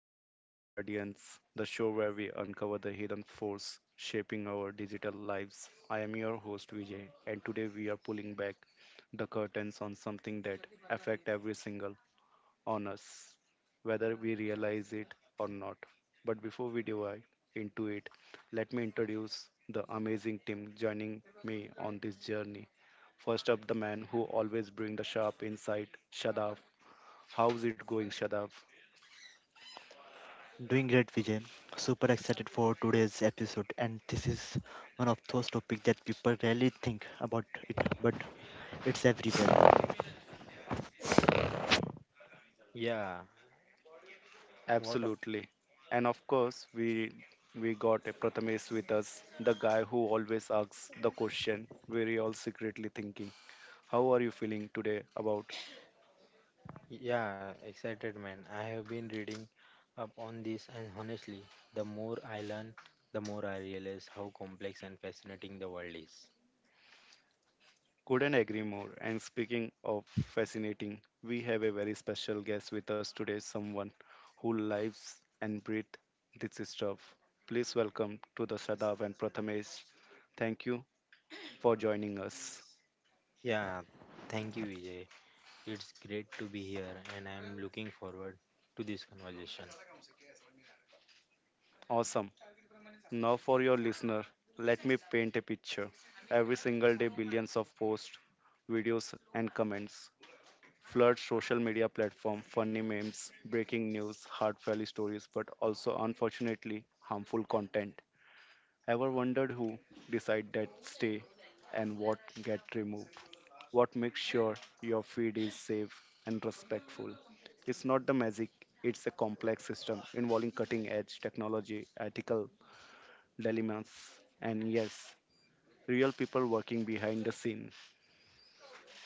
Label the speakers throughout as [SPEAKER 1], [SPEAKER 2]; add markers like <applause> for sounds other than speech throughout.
[SPEAKER 1] to Invisible Guardians, the show where we uncover the hidden force shaping our digital lives. I am your host Vijay, and today we are pulling back the curtains on something that affect every single on us, whether we realize it or not. But before we dive into it, let me introduce the amazing team joining me on this journey. First up, the man who always brings the sharp insight, Shadav. How's it going, Shadav?
[SPEAKER 2] Doing great, Vijay. Super excited for today's episode, and this is one of those topics that people rarely think about it, but it's everywhere.
[SPEAKER 3] Yeah, what a
[SPEAKER 1] Absolutely. And of course, we got a Prathamesh with us, the guy who always asks the question we're all secretly thinking. How are you feeling today about?
[SPEAKER 3] yeah, Excited, man. I have been reading up on this, and honestly, the more I learn, the more I realize how complex and fascinating the world is.
[SPEAKER 1] Couldn't agree more. And speaking of fascinating, we have a very special guest with us today, someone who lives and breathes this stuff. Please welcome to the Shadav and Prathamesh. Thank you for joining us.
[SPEAKER 3] Yeah, thank you, Vijay. It's great to be here, and I'm looking forward to this conversation.
[SPEAKER 1] Awesome. Now, for your listener, let me paint a picture. Every single day, billions of posts, videos, and comments flood social media platform. Funny memes, breaking news, heartfelt stories, but also unfortunately harmful content. Ever wondered who decide that stay and what get removed? What makes sure your feed is safe and respectful? It's not the magic. It's a complex system involving cutting edge technology, ethical dilemmas, and yes, real people working behind the scene.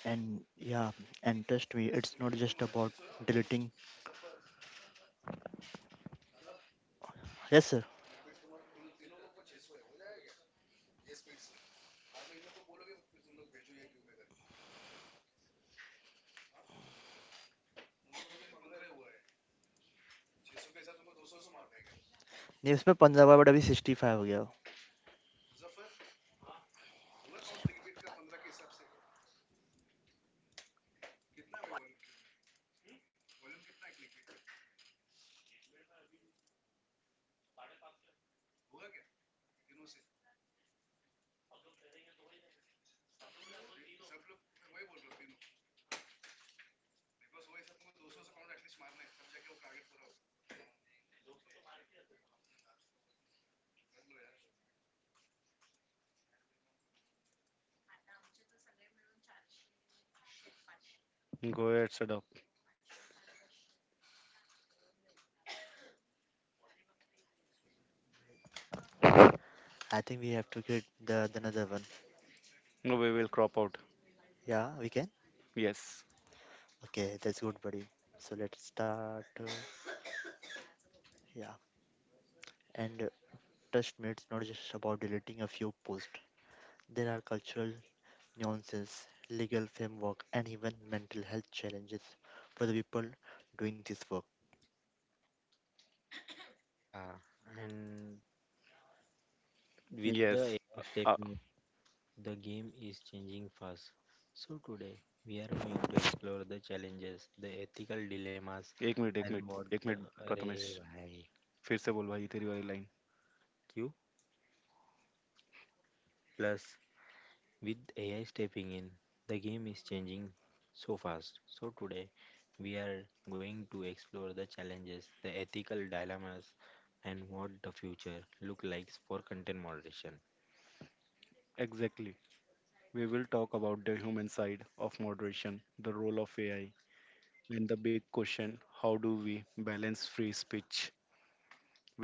[SPEAKER 2] And trust me, it's not just about deleting. Yes, sir. नहीं, उसमें पंजाबा but अभी 65 हो गया हो।
[SPEAKER 1] Go ahead, Sadaf.
[SPEAKER 2] I think we have to create the another one.
[SPEAKER 1] No, we will crop out.
[SPEAKER 2] Yeah, we can.
[SPEAKER 1] Yes,
[SPEAKER 2] Okay, that's good, buddy. So let's start. Yeah, and trust me, it's not just about deleting a few posts. There are cultural nuances, legal framework, and even mental health challenges for the people doing this work.
[SPEAKER 3] Yeah, and with the
[SPEAKER 1] yes.
[SPEAKER 3] AI
[SPEAKER 1] Uh,
[SPEAKER 3] stepping The game is changing fast. So, today we are going to explore the challenges, the ethical dilemmas,
[SPEAKER 1] एक मिनट एक
[SPEAKER 3] and what
[SPEAKER 1] मिनट एक मिनट
[SPEAKER 3] uh,
[SPEAKER 1] Prathamesh
[SPEAKER 3] array bhai
[SPEAKER 1] फिर से बोल भाई तेरी वाली line.
[SPEAKER 3] Q plus with AI stepping in. The game is changing so fast. So, today we are going to explore the challenges, the ethical dilemmas, and what the future look like for content moderation.
[SPEAKER 1] Exactly. We will talk about the human side of moderation, the role of AI, and the big question: How do we balance free speech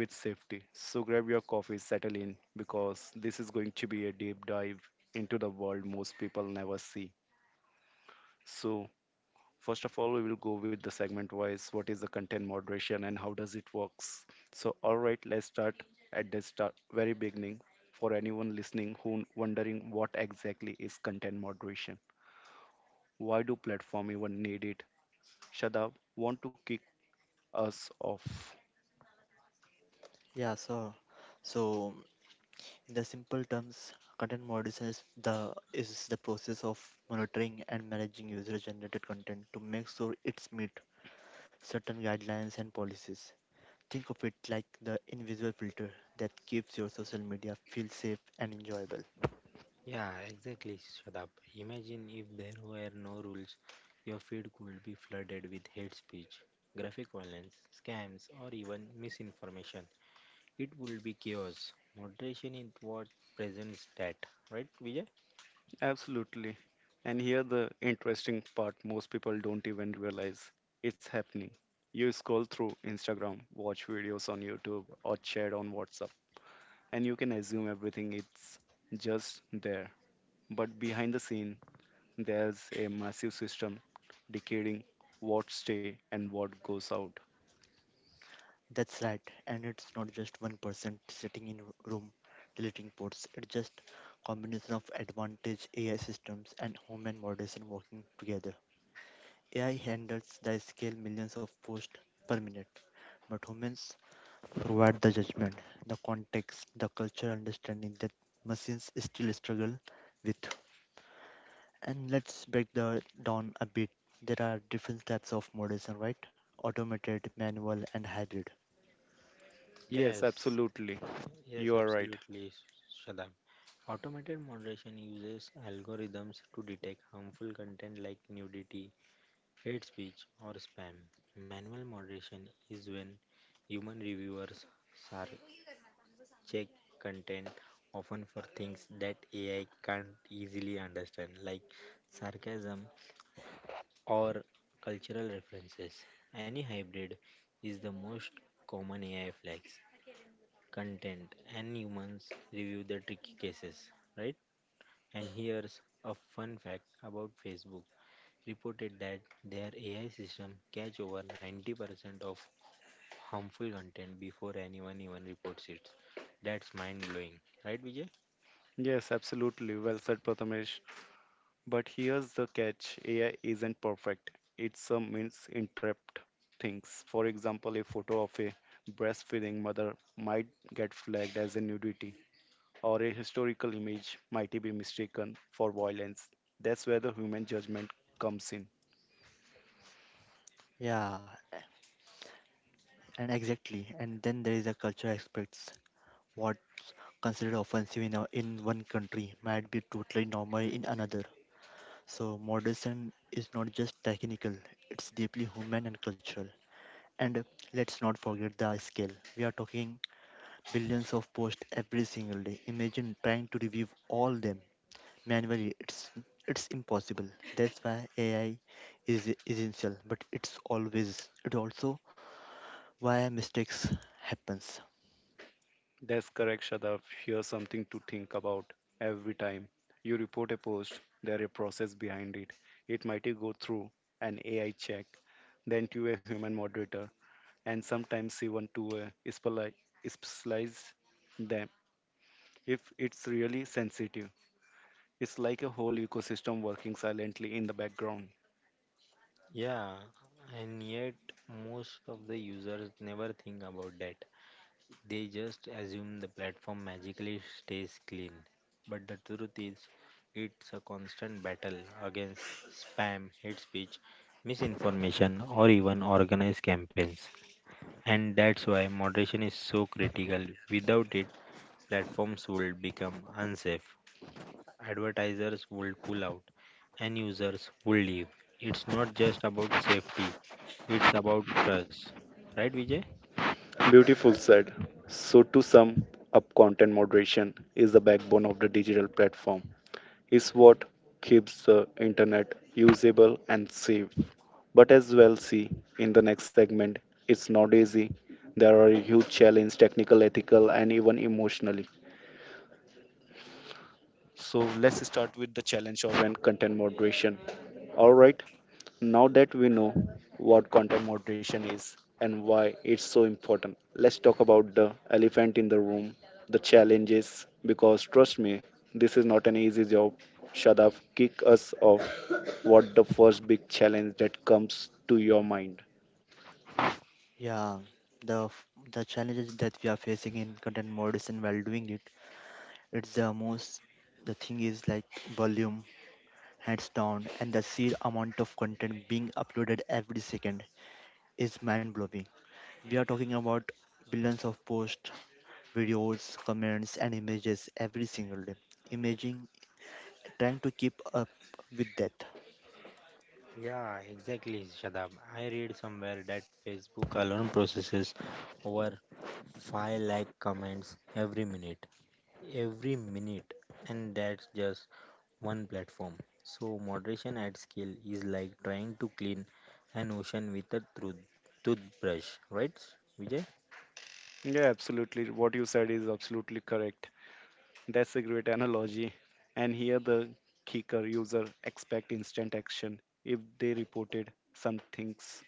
[SPEAKER 1] with safety. So grab your coffee, settle in, because this is going to be a deep dive into the world most people never see. So first of all, we will go with the segment wise. What is the content moderation and how does it works? So, all right, let's start at the start, very beginning. For anyone listening who wondering what exactly is content moderation, why do platform even need it? Shadab, want to kick us off?
[SPEAKER 2] Yeah, so so in the simple terms, content moderation is the process of monitoring and managing user-generated content to make sure it's meet certain guidelines and policies. Think of it like the invisible filter that keeps your social media feel safe and enjoyable.
[SPEAKER 3] Yeah, exactly, Shadab. Imagine if there were no rules, your feed could be flooded with hate speech, graphic violence, scams, or even misinformation. It would be chaos. Moderation is what presents that, right, Vijay?
[SPEAKER 1] Absolutely. And here the interesting part most people don't even realize it's happening. You scroll through Instagram, watch videos on YouTube, or chat on WhatsApp and you can assume everything it's just there. But behind the scene, there's a massive system dictating what stay and what goes out.
[SPEAKER 2] That's right, and it's not just one person sitting in a room deleting ports. It's just combination of advantage AI systems and human moderation working together. AI handles the scale millions of posts per minute, but humans provide the judgment, the context, the cultural understanding that machines still struggle with. And let's break the down a bit. There are different types of moderation, right? Automated, manual, and hybrid.
[SPEAKER 1] Yes,
[SPEAKER 3] Yes,
[SPEAKER 1] absolutely.
[SPEAKER 3] yes,
[SPEAKER 1] You are right.
[SPEAKER 3] absolutely, Shadab. Automated moderation uses algorithms to detect harmful content like nudity, hate speech, or spam. Manual moderation is when human reviewers sar- check content often for things that AI can't easily understand, like sarcasm or cultural references. Any hybrid is the most common AI flags. Content and humans review the tricky cases, right? And here's a fun fact about Facebook reported that their AI system catch over 90% of harmful content before anyone even reports it. That's mind blowing, right, Vijay?
[SPEAKER 1] Yes, absolutely. Well said, Prathamesh. But here's the catch AI isn't perfect, it's a misinterpret things. For example, a photo of a breastfeeding mother might get flagged as a nudity, or a historical image might be mistaken for violence. That's where the human judgment comes in.
[SPEAKER 2] Yeah, and then there is a culture aspects. What's considered offensive in, a, in one country might be totally normal in another. So moderation is not just technical; it's deeply human and cultural. And let's not forget the scale. We are talking billions of posts every single day. Imagine trying to review all them manually. It's impossible. That's why AI is essential, but it also why mistakes happens.
[SPEAKER 1] That's correct, Shadav. Here's something to think about every time you report a post, there is a process behind it. It might go through an AI check, then to a human moderator, and sometimes even to a specialized them if it's really sensitive. It's like a whole ecosystem working silently in the background.
[SPEAKER 3] Yeah, and yet most of the users never think about that. They just assume the platform magically stays clean. But the truth is, it's a constant battle against spam, hate speech, misinformation, or even organized campaigns. And that's why moderation is so critical. Without it, platforms would become unsafe advertisers would pull out and users would leave. It's not just about safety, it's about trust. Right, Vijay?
[SPEAKER 1] Beautiful said. So, to sum up, content moderation is the backbone of the digital platform. It's what keeps the internet usable and safe. But as well, see in the next segment, it's not easy. There are huge challenges, technical, ethical, and even emotionally. So let's start with the challenge of and content moderation. All right. Now that we know what content moderation is and why it's so important, let's talk about the elephant in the room, the challenges. Because trust me, this is not an easy job. Shadav, kick us off. What the first big challenge that comes to your mind?
[SPEAKER 2] Yeah, the the challenges that we are facing in content moderation while doing it, it's the most the thing is like volume, hands down, and the sheer amount of content being uploaded every second is mind blowing. We are talking about billions of posts, videos, comments, and images every single day. Imaging trying to keep up with that.
[SPEAKER 3] Yeah, exactly, Shadab. I read somewhere that Facebook alone processes over 5 lakh comments every minute. Every minute. And that's just one platform. So, moderation at scale is like trying to clean an ocean with a toothbrush, right, Vijay?
[SPEAKER 1] Yeah, absolutely. What you said is absolutely correct. That's a great analogy. And here the kicker user expect instant action. If they reported some things,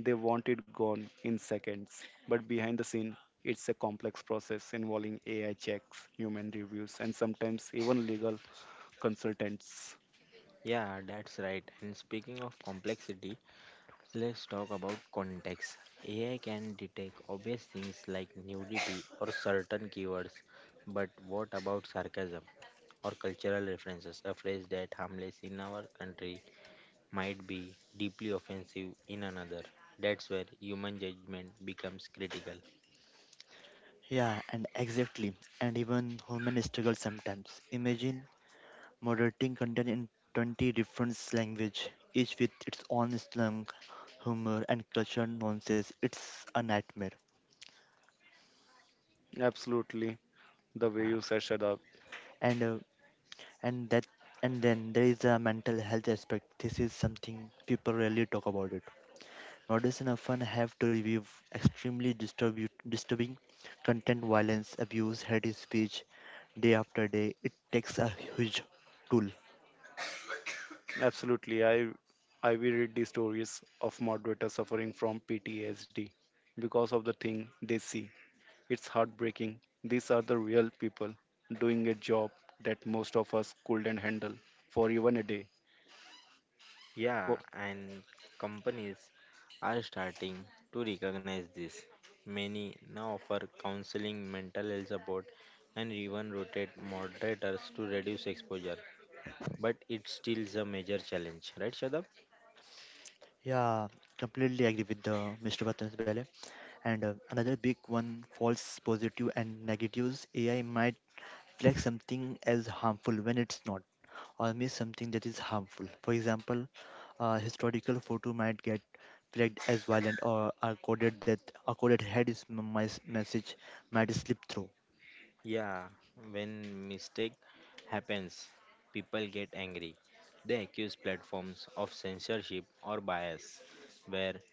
[SPEAKER 1] they want it gone in seconds. But behind the scene, it's a complex process involving AI checks, human reviews, and sometimes even legal consultants.
[SPEAKER 3] Yeah, that's right. And speaking of complexity, let's talk about context. AI can detect obvious things like nudity or certain keywords, but what about sarcasm or cultural references? A phrase that harmless in our country might be deeply offensive in another. That's where human judgment becomes critical.
[SPEAKER 2] Yeah, and exactly, and even human struggle sometimes. Imagine moderating content in 20 different languages, each with its own slang, humor, and cultural nuances. It's a nightmare.
[SPEAKER 1] Absolutely, the way
[SPEAKER 3] Yeah,
[SPEAKER 1] you said shut up.
[SPEAKER 2] And uh, and that and then there is a mental health aspect. This is something people rarely talk about it. Nordicen often have to review extremely disturbing content, violence, abuse, hate speech, day after day. It takes a huge toll.
[SPEAKER 1] Absolutely, I will read the stories of moderators suffering from PTSD because of the thing they see. It's heartbreaking. These are the real people doing a job that most of us couldn't handle for even a day. Wo-
[SPEAKER 3] Yeah, and companies are starting to recognize this. Many now offer counseling, mental health support, and even rotate moderators to reduce exposure. But it still is a major challenge, right, Shadab?
[SPEAKER 2] Yeah, completely agree with the Mr. Patan's Bale. And another big one, false positive and negatives. AI might flag something as harmful when it's not, or miss something that is harmful. For example, a historical photo might get flagged as violent, or a coded head is m- mis- message might slip through.
[SPEAKER 3] Yeah, when mistake happens, people get angry. They accuse platforms of censorship or bias, where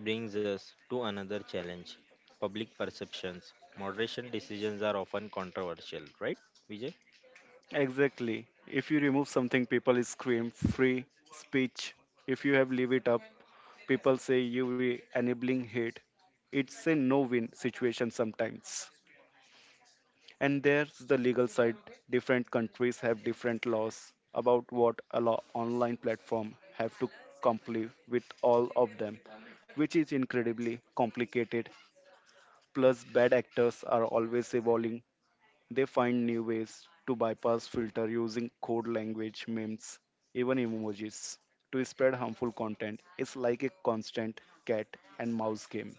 [SPEAKER 3] brings us to another challenge public perceptions. Moderation decisions are often controversial, right, Vijay?
[SPEAKER 1] Exactly. If you remove something, people scream free speech. If you have leave it up, people say you were enabling hate. It's a no-win situation sometimes. And there's the legal side. Different countries have different laws about what a law online platform have to comply with all of them, which is incredibly complicated. Plus, bad actors are always evolving. They find new ways to bypass filter using code language, memes, even emojis to spread harmful content. It's like a constant cat and mouse game.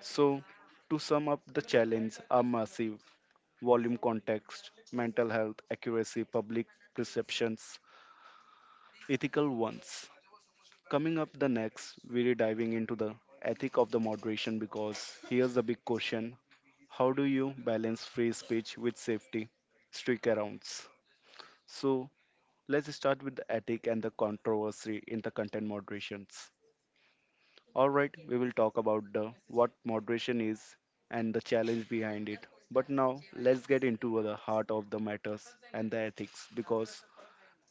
[SPEAKER 1] So, to sum up, the challenges are massive. Volume context, mental health, accuracy, public perceptions, ethical ones. Coming up the next, we're diving into the ethic of the moderation because here's the big question: how do you balance free speech with safety? Stick arounds. So let's start with the ethic and the controversy in the content moderations. All right, we will talk about the what moderation is and the challenge behind it. But now let's get into the heart of the matters and the ethics because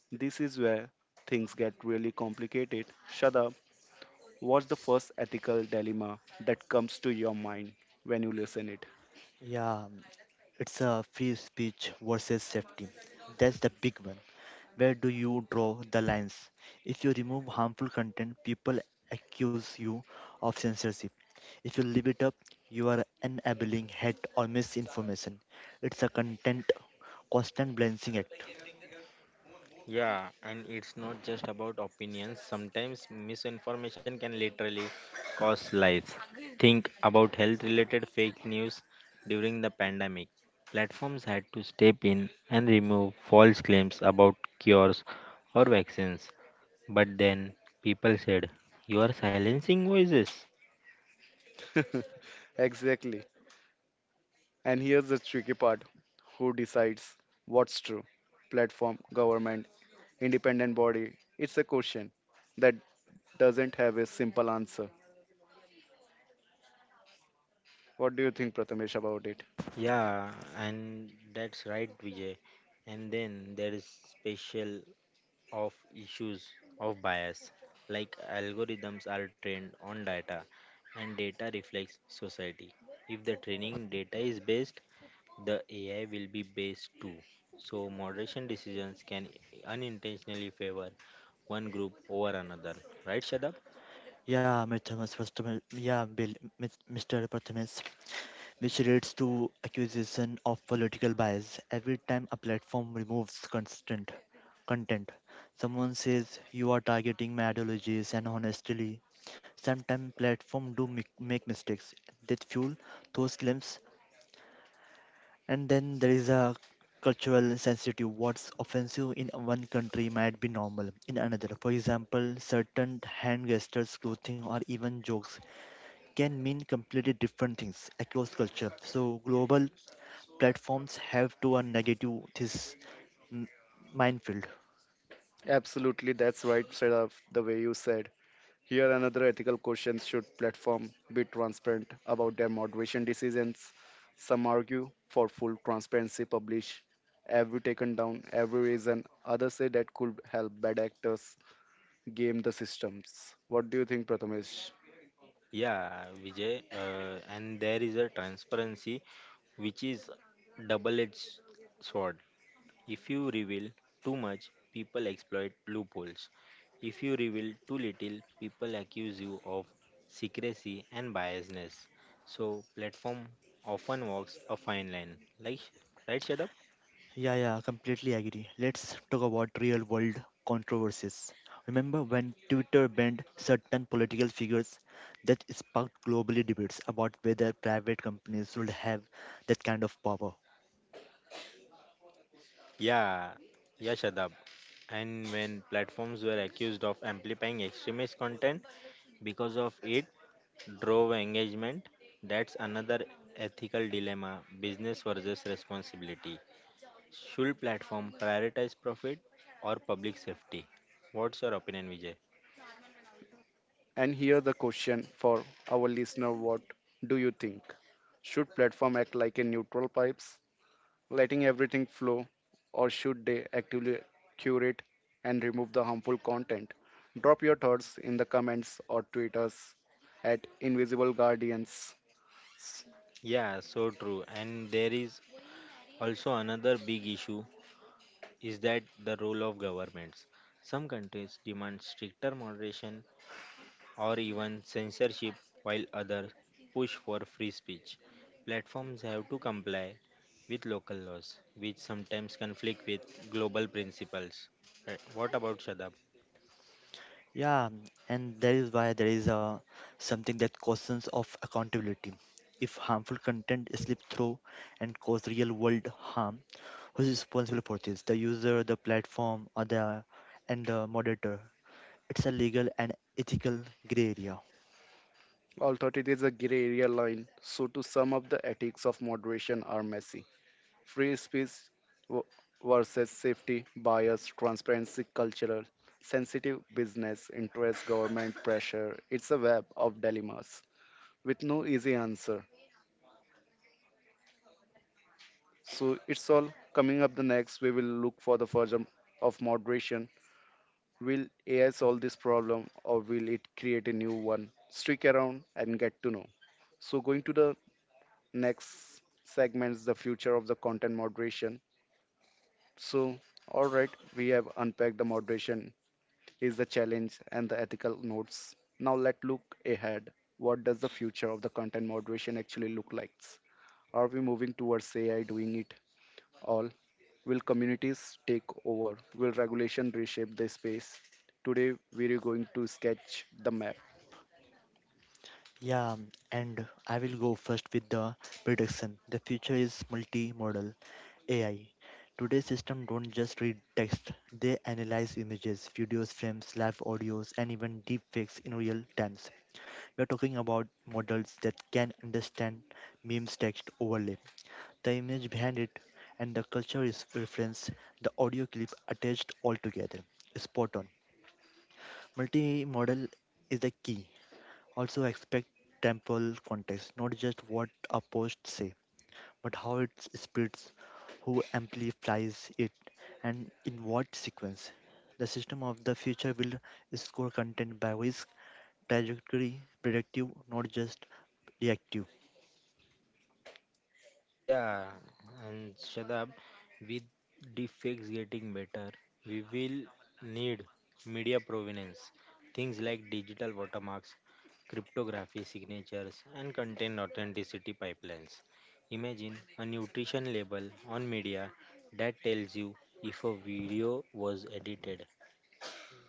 [SPEAKER 1] this is where things get really complicated. Shada, what's the first ethical dilemma that comes to your mind when you listen it?
[SPEAKER 2] Yeah, it's a free speech versus safety. That's the big one. Where do you draw the lines? If you remove harmful content, people accuse you of censorship. If you leave it up, you are enabling hate or misinformation. It's a content constant balancing act.
[SPEAKER 3] Yeah, and it's not just about opinions. Sometimes misinformation can literally cost lives. Think about health related fake news during the pandemic. Platforms had to step in and remove false claims about cures or vaccines. But then people said, you are silencing voices.
[SPEAKER 1] <laughs> exactly. And here's the tricky part: who decides what's true? Platform, government, independent body? It's a question that doesn't have a simple answer. What do you think, Prathamesh, about it?
[SPEAKER 3] Yeah, and that's right, Vijay. And then there is special of issues of bias, like algorithms are trained on data, and data reflects society. If the training data is based, the AI will be based too. So moderation decisions can unintentionally favor one group over another. Right, Shadab?
[SPEAKER 2] Yeah, Mithamas, first of all- yeah, Bill, Mis- Mr. Prathamas, which leads to accusation of political bias. Every time a platform removes constant content, someone says you are targeting my ideologies and honestly sometimes platforms do make mistakes that fuel those claims. And then there is a cultural sensitive what's offensive in one country might be normal in another. For example, certain hand gestures, clothing, or even jokes can mean completely different things across culture. So global platforms have to a negative this m- minefield.
[SPEAKER 1] Absolutely, that's right, side of the way you said. Here, another ethical question should platform be transparent about their moderation decisions? Some argue for full transparency, publish every taken down, every reason. Others say that could help bad actors game the systems. What do you think, Prathamesh?
[SPEAKER 3] Yeah, Vijay, and there is a transparency which is double-edged sword. If you reveal too much, people exploit loopholes. If you reveal too little, people accuse you of secrecy and biasness. So platform often walks a fine line. Like, right, Shadab?
[SPEAKER 2] Yeah, yeah, completely agree. Let's talk about real world controversies. Remember when Twitter banned certain political figures that sparked globally debates about whether private companies should have that kind of power?
[SPEAKER 3] Yeah, yeah, Shadab. And when platforms were accused of amplifying extremist content, because of it drove engagement, that's another ethical dilemma business versus responsibility. Should platform prioritize profit or public safety? What's your opinion, Vijay?
[SPEAKER 1] And here the question for our listener: What do you think? Should platform act like a neutral pipes, letting everything flow, or should they actively curate and remove the harmful content? Drop your thoughts in the comments or tweet us at Invisible Guardians.
[SPEAKER 3] Yeah, so true. And there is also another big issue is that the role of governments. Some countries demand stricter moderation or even censorship, while others push for free speech. Platforms have to comply with local laws, which sometimes conflict with global principles. What about Shadab?
[SPEAKER 2] Yeah, and that is why there is something that questions of accountability. If harmful content slips through and cause real world harm, who's responsible for this? The user, the platform, or the moderator? It's a legal and ethical gray area.
[SPEAKER 1] Although it is a gray area line, so to sum up, the ethics of moderation are messy, free speech w- versus safety, bias, transparency, cultural sensitive, business interest, government pressure. It's a web of dilemmas with no easy answer. So it's all coming up the next. We will look for the version of moderation. Will AI solve this problem or will it create a new one? Stick around and get to know. So going to the next segments, the future of the content moderation. So all right, we have unpacked the moderation is the challenge and the ethical notes. Now let's look ahead. What does the future of the content moderation actually look like? Are we moving towards AI doing it all? Will communities take over? Will regulation reshape the space? Today we are going to sketch the map.
[SPEAKER 2] Yeah, and I will go first with the prediction. The future is multimodal AI. Today's system don't just read text; they analyze images, videos, frames, live audios, and even deepfakes in real times. We're talking about models that can understand memes, text overlay, the image behind it, and the culture is reference, the audio clip attached all together. Spot on. Multimodal is the key. Also expect temporal context, not just what a post say, but how it spreads, who amplifies it, and in what sequence. The system of the future will score content by risk, trajectory, predictive, not just reactive.
[SPEAKER 3] Yeah, and Shadab, with deepfakes getting better, we will need media provenance, things like digital watermarks, cryptography signatures, and content authenticity pipelines. Imagine a nutrition label on media that tells you if a video was edited,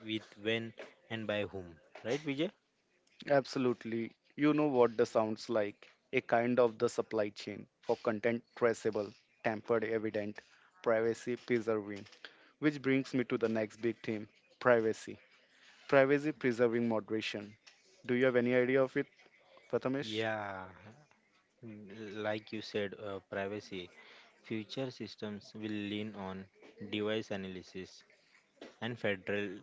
[SPEAKER 3] with when, and by whom. Right, Vijay?
[SPEAKER 1] Absolutely. You know what the sounds like a kind of the supply chain for content traceable, tampered evident, privacy preserving. Which brings me to the next big theme privacy. Privacy preserving moderation. Do you have any idea of it, Prathamesh?
[SPEAKER 3] Yeah. Like you said, privacy. Future systems will lean on device analysis and federal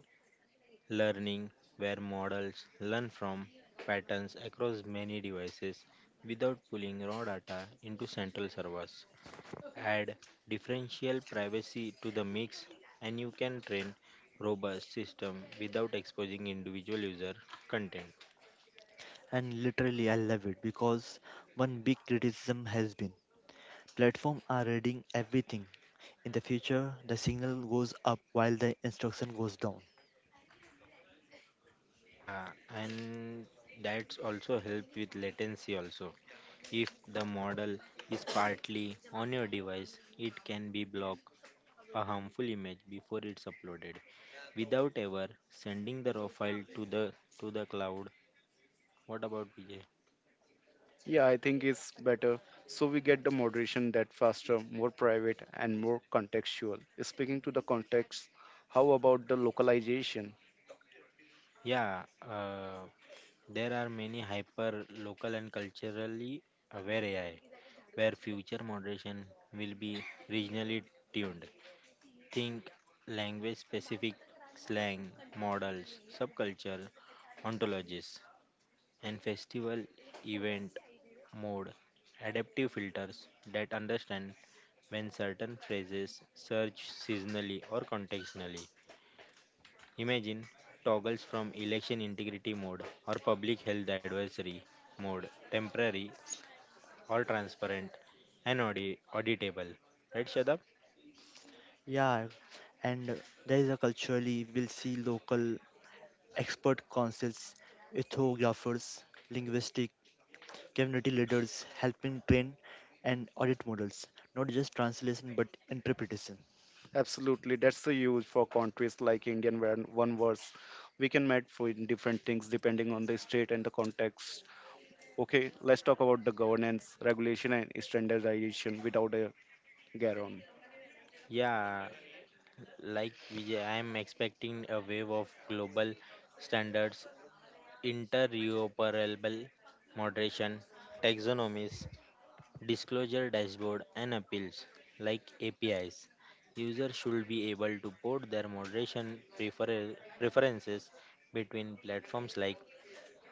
[SPEAKER 3] learning, where models learn from patterns across many devices without pulling raw data into central servers. Add differential privacy to the mix, and you can train robust system without exposing individual user content.
[SPEAKER 2] And literally, I love it because one big criticism has been platforms are reading everything. In the future, the signal goes up while the instruction goes down.
[SPEAKER 3] Yeah, and that's also help with latency also. If the model is partly on your device, it can be block a harmful image before it's uploaded without ever sending the raw file to the cloud. What about Vijay?
[SPEAKER 1] Yeah, I think it's better. So we get the moderation that faster, more private, and more contextual. Speaking to the context, how about the localization?
[SPEAKER 3] Yeah, there are many hyper local and culturally aware AI where future moderation will be regionally tuned. Think language specific slang, models, subculture, ontologies, and festival event mode. Adaptive filters that understand when certain phrases surge seasonally or contextually. Imagine toggles from election integrity mode or public health advisory mode, temporary or transparent and auditable. Right, Shadab?
[SPEAKER 2] Yeah, and there is a culturally we'll see local expert councils, ethnographers, linguistic community leaders helping train and audit models, not just translation but interpretation.
[SPEAKER 1] Absolutely, that's the use for countries like Indian where one verse we can match for different things depending on the state and the context. Okay, let's talk about the governance, regulation, and standardization without a Garon.
[SPEAKER 3] Yeah, like Vijay, I am expecting a wave of global standards, interoperable moderation, taxonomies, disclosure dashboard, and appeals like APIs. Users should be able to port their moderation preferences between platforms like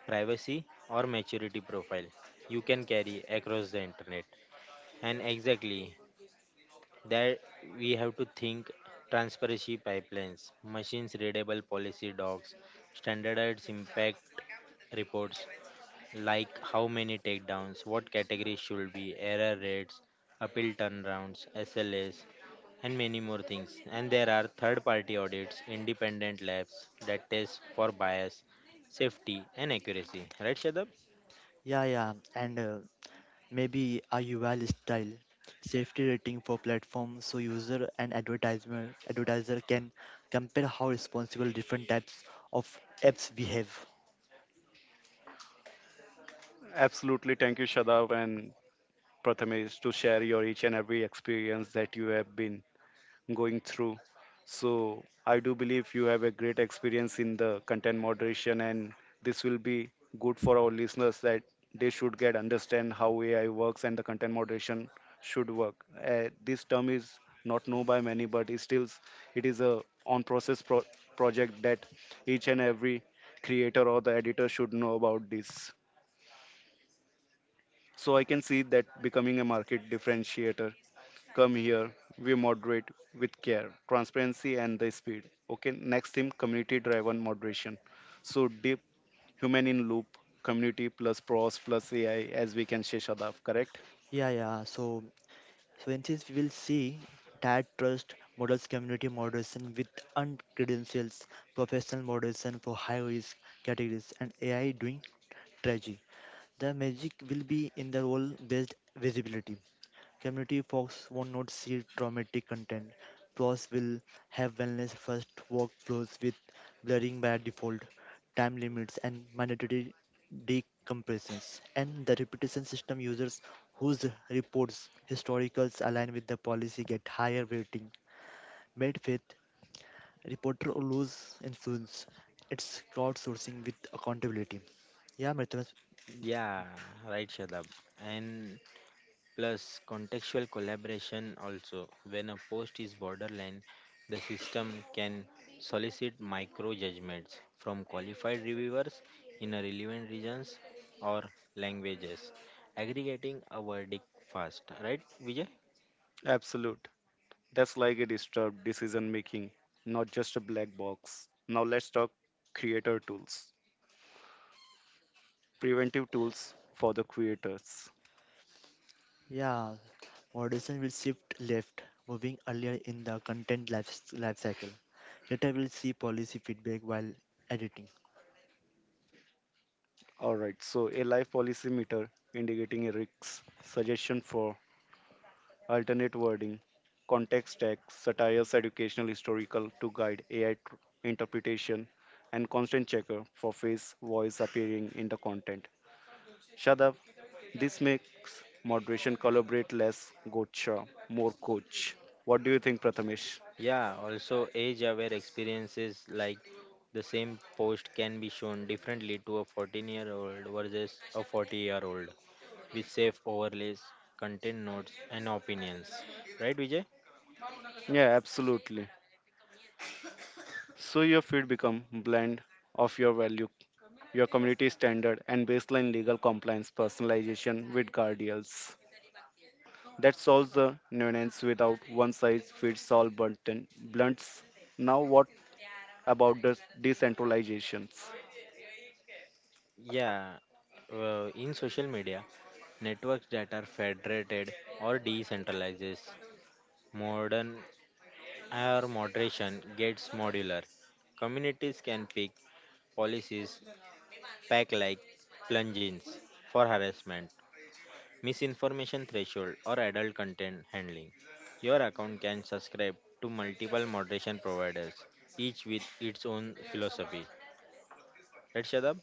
[SPEAKER 3] privacy or maturity profile you can carry across the internet. And exactly, that we have to think transparency pipelines, machines readable policy docs, standardized impact reports like how many takedowns, what categories should be, error rates, appeal turnarounds, SLAs, and many more things. And there are third party audits, independent labs that test for bias, safety, and accuracy. Right, Shadab?
[SPEAKER 2] Yeah, yeah, and maybe a UL style safety rating for platforms so user and advertiser can compare how responsible different types of apps behave.
[SPEAKER 1] Absolutely, thank you, Shadav, and Prathamesh, to share your each and every experience that you have been going through. So, I do believe you have a great experience in the content moderation, and this will be good for our listeners that they should get understand how AI works and the content moderation should work. This term is not known by many, but it still it is a on-process project that each and every creator or the editor should know about this. So I can see that becoming a market differentiator. Come here, we moderate with care, transparency, and the speed. Okay, next theme community driven moderation. So, deep human in loop, community plus pros plus AI, as we can say, Shadav, correct?
[SPEAKER 2] Yeah, yeah. So in this, we will see that trust models community moderation with uncredentials, professional moderation for high risk categories, and AI doing strategy. The magic will be in the role based visibility. Community folks won't not see traumatic content. Plus, will have wellness first workflows with blurring by default, time limits, and mandatory decompressions. And the reputation system users whose reports historicals align with the policy get higher rating. Made faith reporter lose influence. It's crowdsourcing with accountability. Yeah, Mritam.
[SPEAKER 3] Yeah, right, Shadab. And plus, contextual collaboration also. When a post is borderline, the system can solicit micro judgments from qualified reviewers in a relevant regions or languages, aggregating a verdict fast. Right, Vijay?
[SPEAKER 1] Absolute. That's like a disturbed decision making, not just a black box. Now let's talk creator tools. Preventive tools for the creators.
[SPEAKER 2] Yeah, moderation will shift left, moving earlier in the life cycle. Later, we'll see policy feedback while editing.
[SPEAKER 1] Alright, so a life policy meter indicating a risk suggestion for alternate wording, context tags, satires, educational, historical to guide AI interpretation, and constant checker for face voice appearing in the content. Shadav, this makes moderation collaborate less gotcha, more coach. What do you think, Prathamesh?
[SPEAKER 3] Yeah, also age aware experiences like the same post can be shown differently to a 14-year-old versus a 40-year-old with safe overlays, content notes, and opinions. Right, Vijay?
[SPEAKER 1] Yeah, absolutely. So your feed become blend of your value, your community standard, and baseline legal compliance personalization with guardians. That solves the nuance without one size fits all button blunts. Now, what about the decentralizations?
[SPEAKER 3] Yeah, in social media, networks that are federated or decentralized, modern or moderation gets modular. Communities can pick policies pack like plugins for harassment, misinformation threshold, or adult content handling. Your account can subscribe to multiple moderation providers, each with its own philosophy. Right, Shadab?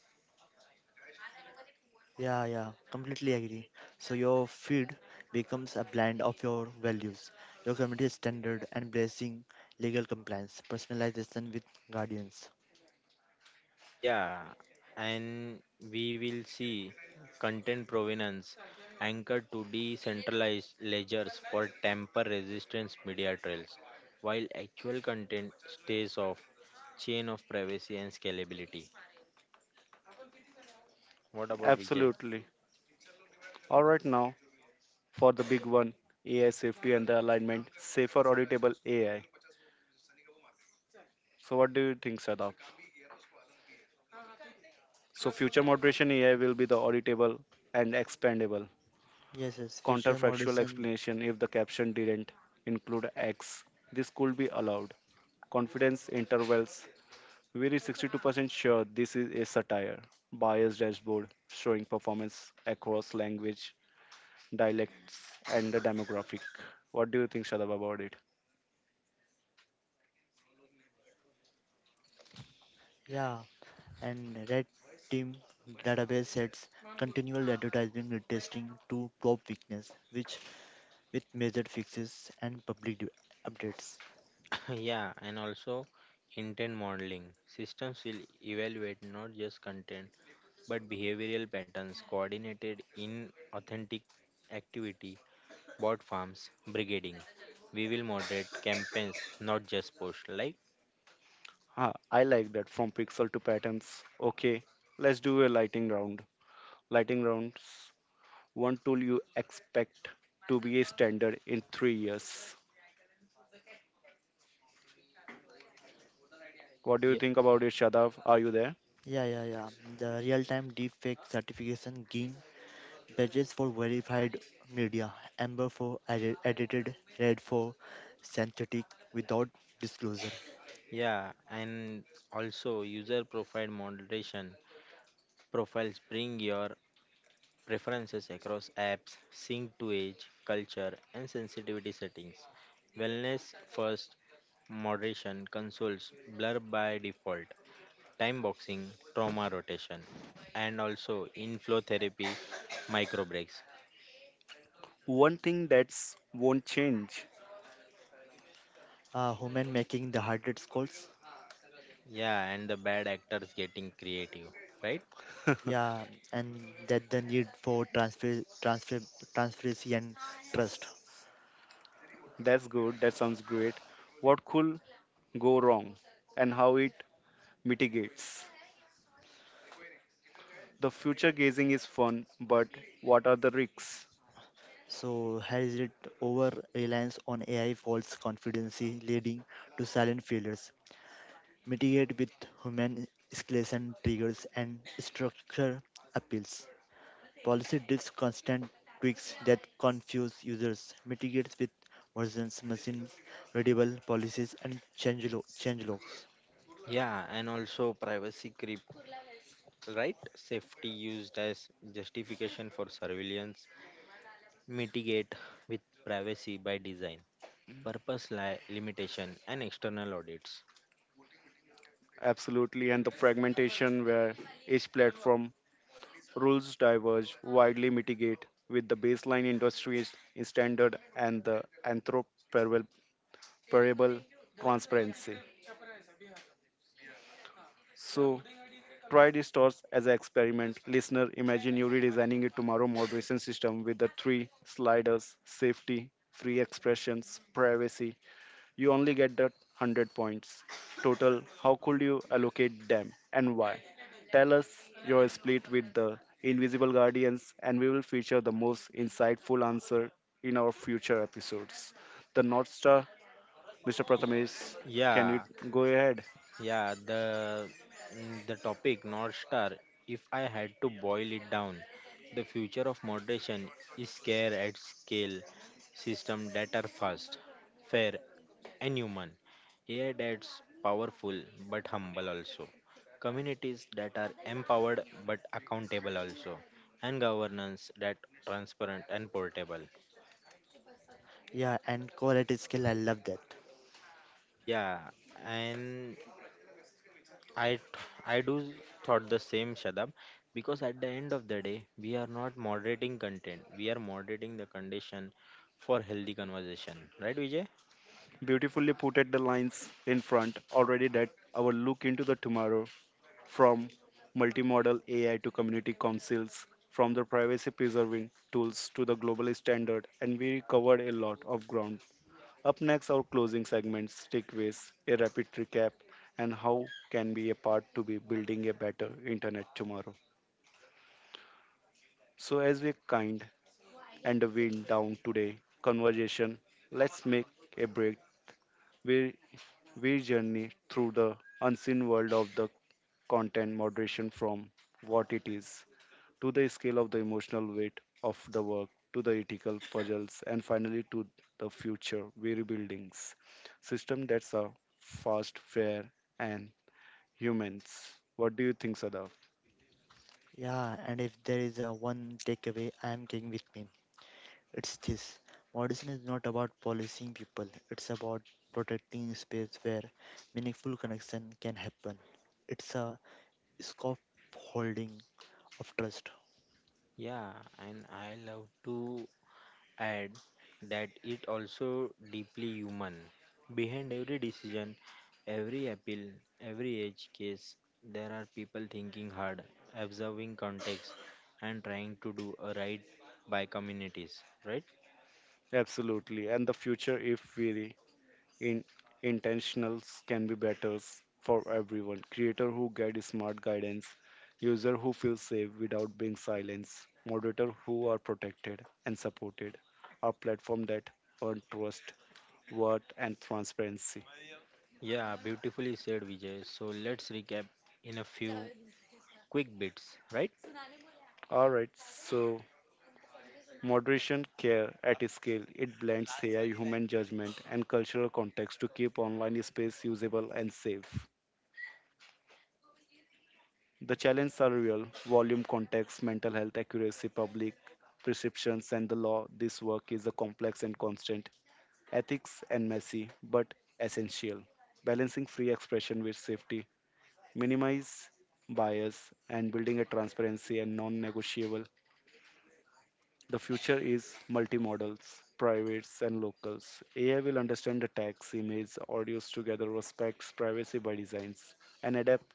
[SPEAKER 2] Yeah, yeah, completely agree. So, your feed becomes a blend of your values, your community standard, and blessing legal compliance, personalization with guardians.
[SPEAKER 3] Yeah, and we will see content provenance anchored to decentralized ledgers for tamper resistance media trails, while actual content stays off chain of privacy and scalability. What about Vijay?
[SPEAKER 1] Absolutely. All right, now for the big one AI safety and the alignment, safer auditable AI. So, what do you think, Sadaf? So, future moderation AI will be the auditable and expandable.
[SPEAKER 2] Yes, feature
[SPEAKER 1] Counterfactual
[SPEAKER 2] moderation.
[SPEAKER 1] explanation, if the caption didn't include X, this could be allowed. Confidence intervals, we're 62% sure this is a satire. Bias dashboard showing performance across language, dialects, and the demographic. What do you think, Shadab, about it?
[SPEAKER 2] Yeah, and red team database sets continual advertising testing to probe weakness, which with measured fixes and public updates.
[SPEAKER 3] <coughs> Yeah, and also intent modeling. Systems will evaluate not just content but behavioral patterns coordinated in authentic activity bot farms brigading. We will moderate campaigns, not just posts. Like,
[SPEAKER 1] Huh, I like that, from pixel to patterns. Okay, let's do a lighting round. Lighting rounds. One tool you expect to be a standard in 3 years. What do you
[SPEAKER 3] yeah,
[SPEAKER 1] think about it, Shadav? Are you there?
[SPEAKER 2] Yeah, yeah, yeah. The real-time deepfake certification gain badges for verified media, amber for edited, red for synthetic without disclosure.
[SPEAKER 3] yeah, and also user profile moderation. Profiles bring your preferences across apps, sync to age, culture, and sensitivity settings. Wellness first, moderation, consoles, blur by default, time boxing, trauma rotation, and also inflow therapy, micro breaks.
[SPEAKER 1] One thing that's won't change.
[SPEAKER 2] Human making the hardest calls.
[SPEAKER 3] Yeah, and the bad actors getting creative, right?
[SPEAKER 2] Yeah, and that the need for transparency and trust.
[SPEAKER 1] That's good. That sounds great. What cool go wrong and how it mitigates. The future gazing is fun, but what are the risks?
[SPEAKER 2] So has it over reliance on AI false confidence leading to silent failures? Mitigate with human escalation triggers and structure appeals. Policy deals constant tweaks that confuse users, mitigates with versions, machines, readable policies, and change logs.
[SPEAKER 3] Yeah, and also privacy creep, right? Safety used as justification for surveillance, mitigate with privacy by design, limitation, and external audits.
[SPEAKER 1] Absolutely, and the fragmentation where each platform rules diverge widely, mitigate with the baseline industries in standard and the anthroperable transparency. So try these stores as an experiment. Listener, imagine you redesigning a tomorrow moderation system with the three sliders, safety, free expressions, privacy. You only get that 100 points. Total, how could you allocate them and why? Tell us your split with the Invisible Guardians, and we will feature the most insightful answer in our future episodes. The North Star, Mr. Prathamesh, can you
[SPEAKER 3] Yeah,
[SPEAKER 1] go ahead?
[SPEAKER 3] yeah, the topic North Star. If I had to boil it down, the future of moderation is care at scale, system that are fast, fair, and human. AI that's powerful but humble also. Communities that are empowered but accountable also. And governance that transparent and portable.
[SPEAKER 2] Yeah, and call at scale, I love that.
[SPEAKER 3] Yeah, and I th- I do thought the same, Shadab, because at the end of the day we are not moderating content. We are moderating the condition for healthy conversation. Right, Vijay?
[SPEAKER 1] Beautifully put at the lines in front, already that our look into the tomorrow, from multimodal AI to community councils, from the privacy preserving tools to the global standard, and we covered a lot of ground. Up next, our closing segments, takeaways, a rapid recap, and how can be a part to be building a better internet tomorrow. So, as we kind and wind down today conversation, let's make a break. We we journey through the unseen world of the content moderation, from what it is, to the scale of the emotional weight of the work, to the ethical puzzles, and finally to the future weary buildings. System that's a fast, fair, and humans. What do you think, Sadaf?
[SPEAKER 2] Yeah, and if there is a one takeaway I am taking with me, it's this. Moderation is not about policing people, it's about protecting space where meaningful connection can happen. It's a scaffolding of trust.
[SPEAKER 3] Yeah, and I love to add that it also deeply human. Behind every decision, every appeal, every edge case, there are people thinking hard, observing context, and trying to do a right by communities. Right?
[SPEAKER 1] Absolutely. And the future, if very in intentionals, can be better for everyone. Creator who get smart guidance, user who feel safe without being silenced, moderator who are protected and supported, a platform that earn trust worth, and transparency.
[SPEAKER 3] Yeah, beautifully said, Vijay. So let's recap in a few quick bits. Right?
[SPEAKER 1] All right, so moderation care at scale, it blends AI, human judgment, and cultural context to keep online space usable and safe. The challenges are real volume, context, mental health, accuracy, public perceptions, and the law. This work is a complex and constant, ethics and messy, but essential. Balancing free expression with safety, minimize bias, and building a transparency and non negotiable. The future is multimodals, privates, and locals. AI will understand the text, image, audios together, respects privacy by designs, and adapt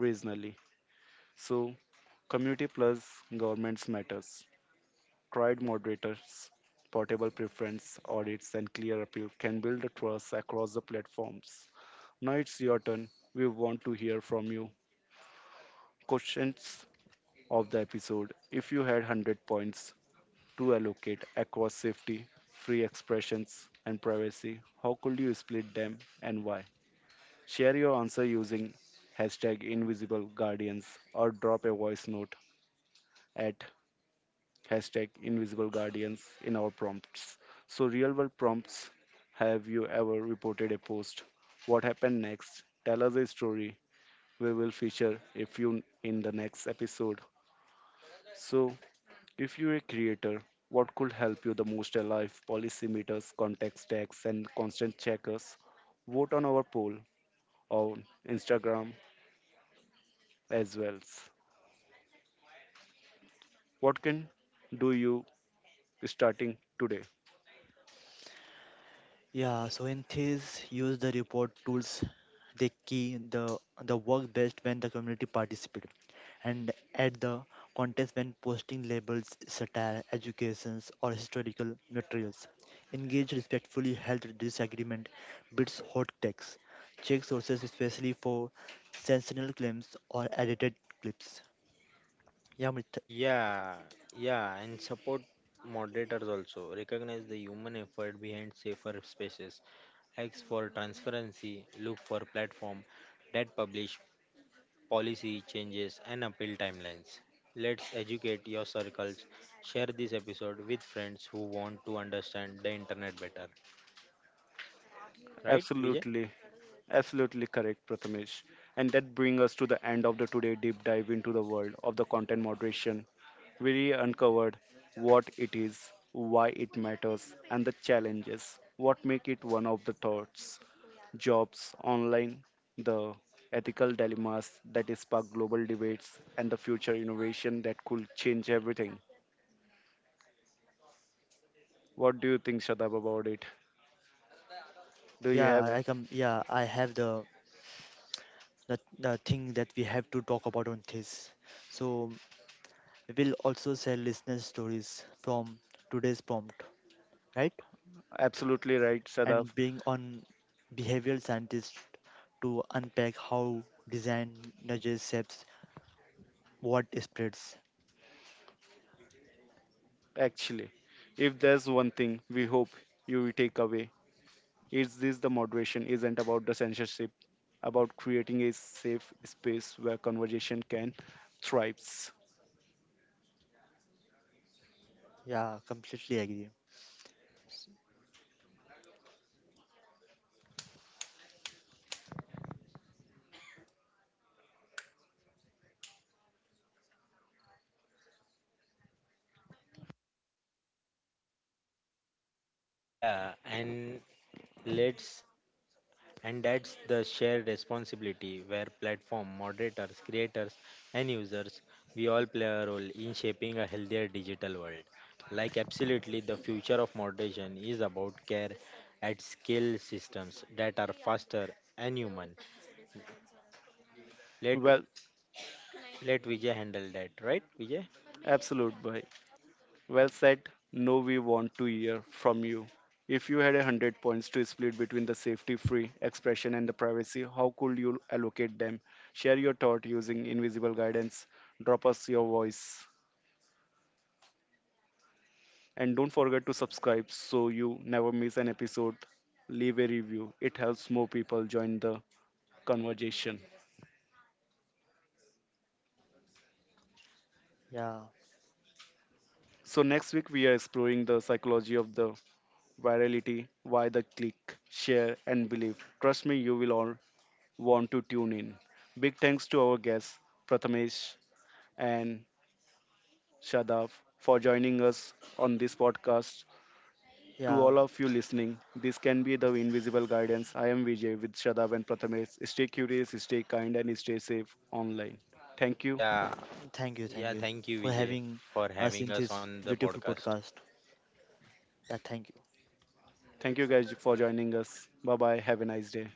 [SPEAKER 1] regionally. So, community plus governments matters. Tried moderators, portable preference audits, and clear appeal can build the trust across the platforms. Now it's your turn. We want to hear from you. Questions of the episode. If you had 100 points to allocate across safety, free expressions, and privacy, how could you split them and why? Share your answer using hashtag invisible guardians, or drop a voice note at hashtag invisible guardians in our prompts. So, real world prompts, have you ever reported a post? What happened next? Tell us a story. We will feature a few in the next episode. So, if you're a creator, what could help you the most alive? Policymakers, context tags, and constant checkers. Vote on our poll on Instagram as well. What can do you starting today?
[SPEAKER 2] Yeah, so in entities use the report tools. They key the work best when the community participate, and at the contest when posting labels, satire, educations, or historical materials. Engage respectfully, held disagreement, bids hot text. Check sources especially for sensational claims or edited clips. Yeah, Amit.
[SPEAKER 3] Yeah, yeah, and support moderators also recognize the human effort behind safer spaces X for transparency, look for platform that publish policy changes and appeal timelines. Let's educate your circles. Share this episode with friends who want to understand the internet better. Right, Vijay?
[SPEAKER 1] Absolutely, absolutely correct, Prathamesh. And that brings us to the end of the today deep dive into the world of the content moderation. We uncovered what it is, why it matters, and the challenges. What make it one of the thoughts jobs online, the ethical dilemmas that spark global debates, and the future innovation that could change everything. What do you think, Shadab, about it? Do you have
[SPEAKER 2] I have the thing that we have to talk about on this. So we will also share listener stories from today's prompt, right?
[SPEAKER 1] absolutely right, Shadab?
[SPEAKER 2] And being on behavioral scientists to unpack how design nudges shapes what spreads.
[SPEAKER 1] Actually, if there's one thing we hope you will take away, is this: the moderation isn't about the censorship, about creating a safe space where conversation can thrive.
[SPEAKER 2] Yeah, completely agree.
[SPEAKER 3] Yeah, and let's And that's the shared responsibility where platform moderators, creators, and users we all play a role in shaping a healthier digital world. Like, absolutely, the future of moderation is about care at scale systems that are faster and human. Let,
[SPEAKER 1] Well,
[SPEAKER 3] Let Vijay handle that, right, Vijay?
[SPEAKER 1] absolute, boy. Well said. No, we want to hear from you. If you had 100 points to split between the safety-free expression and the privacy, how could you allocate them? Share your thought using invisible guidance. Drop us your voice. And don't forget to subscribe so you never miss an episode. Leave a review. It helps more people join the conversation.
[SPEAKER 2] Yeah,
[SPEAKER 1] So next week we are exploring the psychology of the virality, why the click, share and believe. Trust me, you will all want to tune in. Big thanks to our guests, Prathamesh and Shadav, for joining us on this podcast. To
[SPEAKER 2] yeah.
[SPEAKER 1] all of you listening, this can be the invisible guidance. I am Vijay with Shadav and Prathamesh. Stay curious, stay kind, and stay safe online. Thank you.
[SPEAKER 3] Yeah,
[SPEAKER 2] Thank
[SPEAKER 3] yeah,
[SPEAKER 2] you
[SPEAKER 3] thank you,
[SPEAKER 2] for
[SPEAKER 3] Vijay,
[SPEAKER 2] having
[SPEAKER 3] for
[SPEAKER 2] us
[SPEAKER 3] having
[SPEAKER 2] in
[SPEAKER 3] us
[SPEAKER 2] this
[SPEAKER 3] on the
[SPEAKER 2] beautiful
[SPEAKER 3] podcast.
[SPEAKER 2] podcast. Yeah, thank you.
[SPEAKER 1] Thank you guys for joining us. Bye bye. Have a nice day.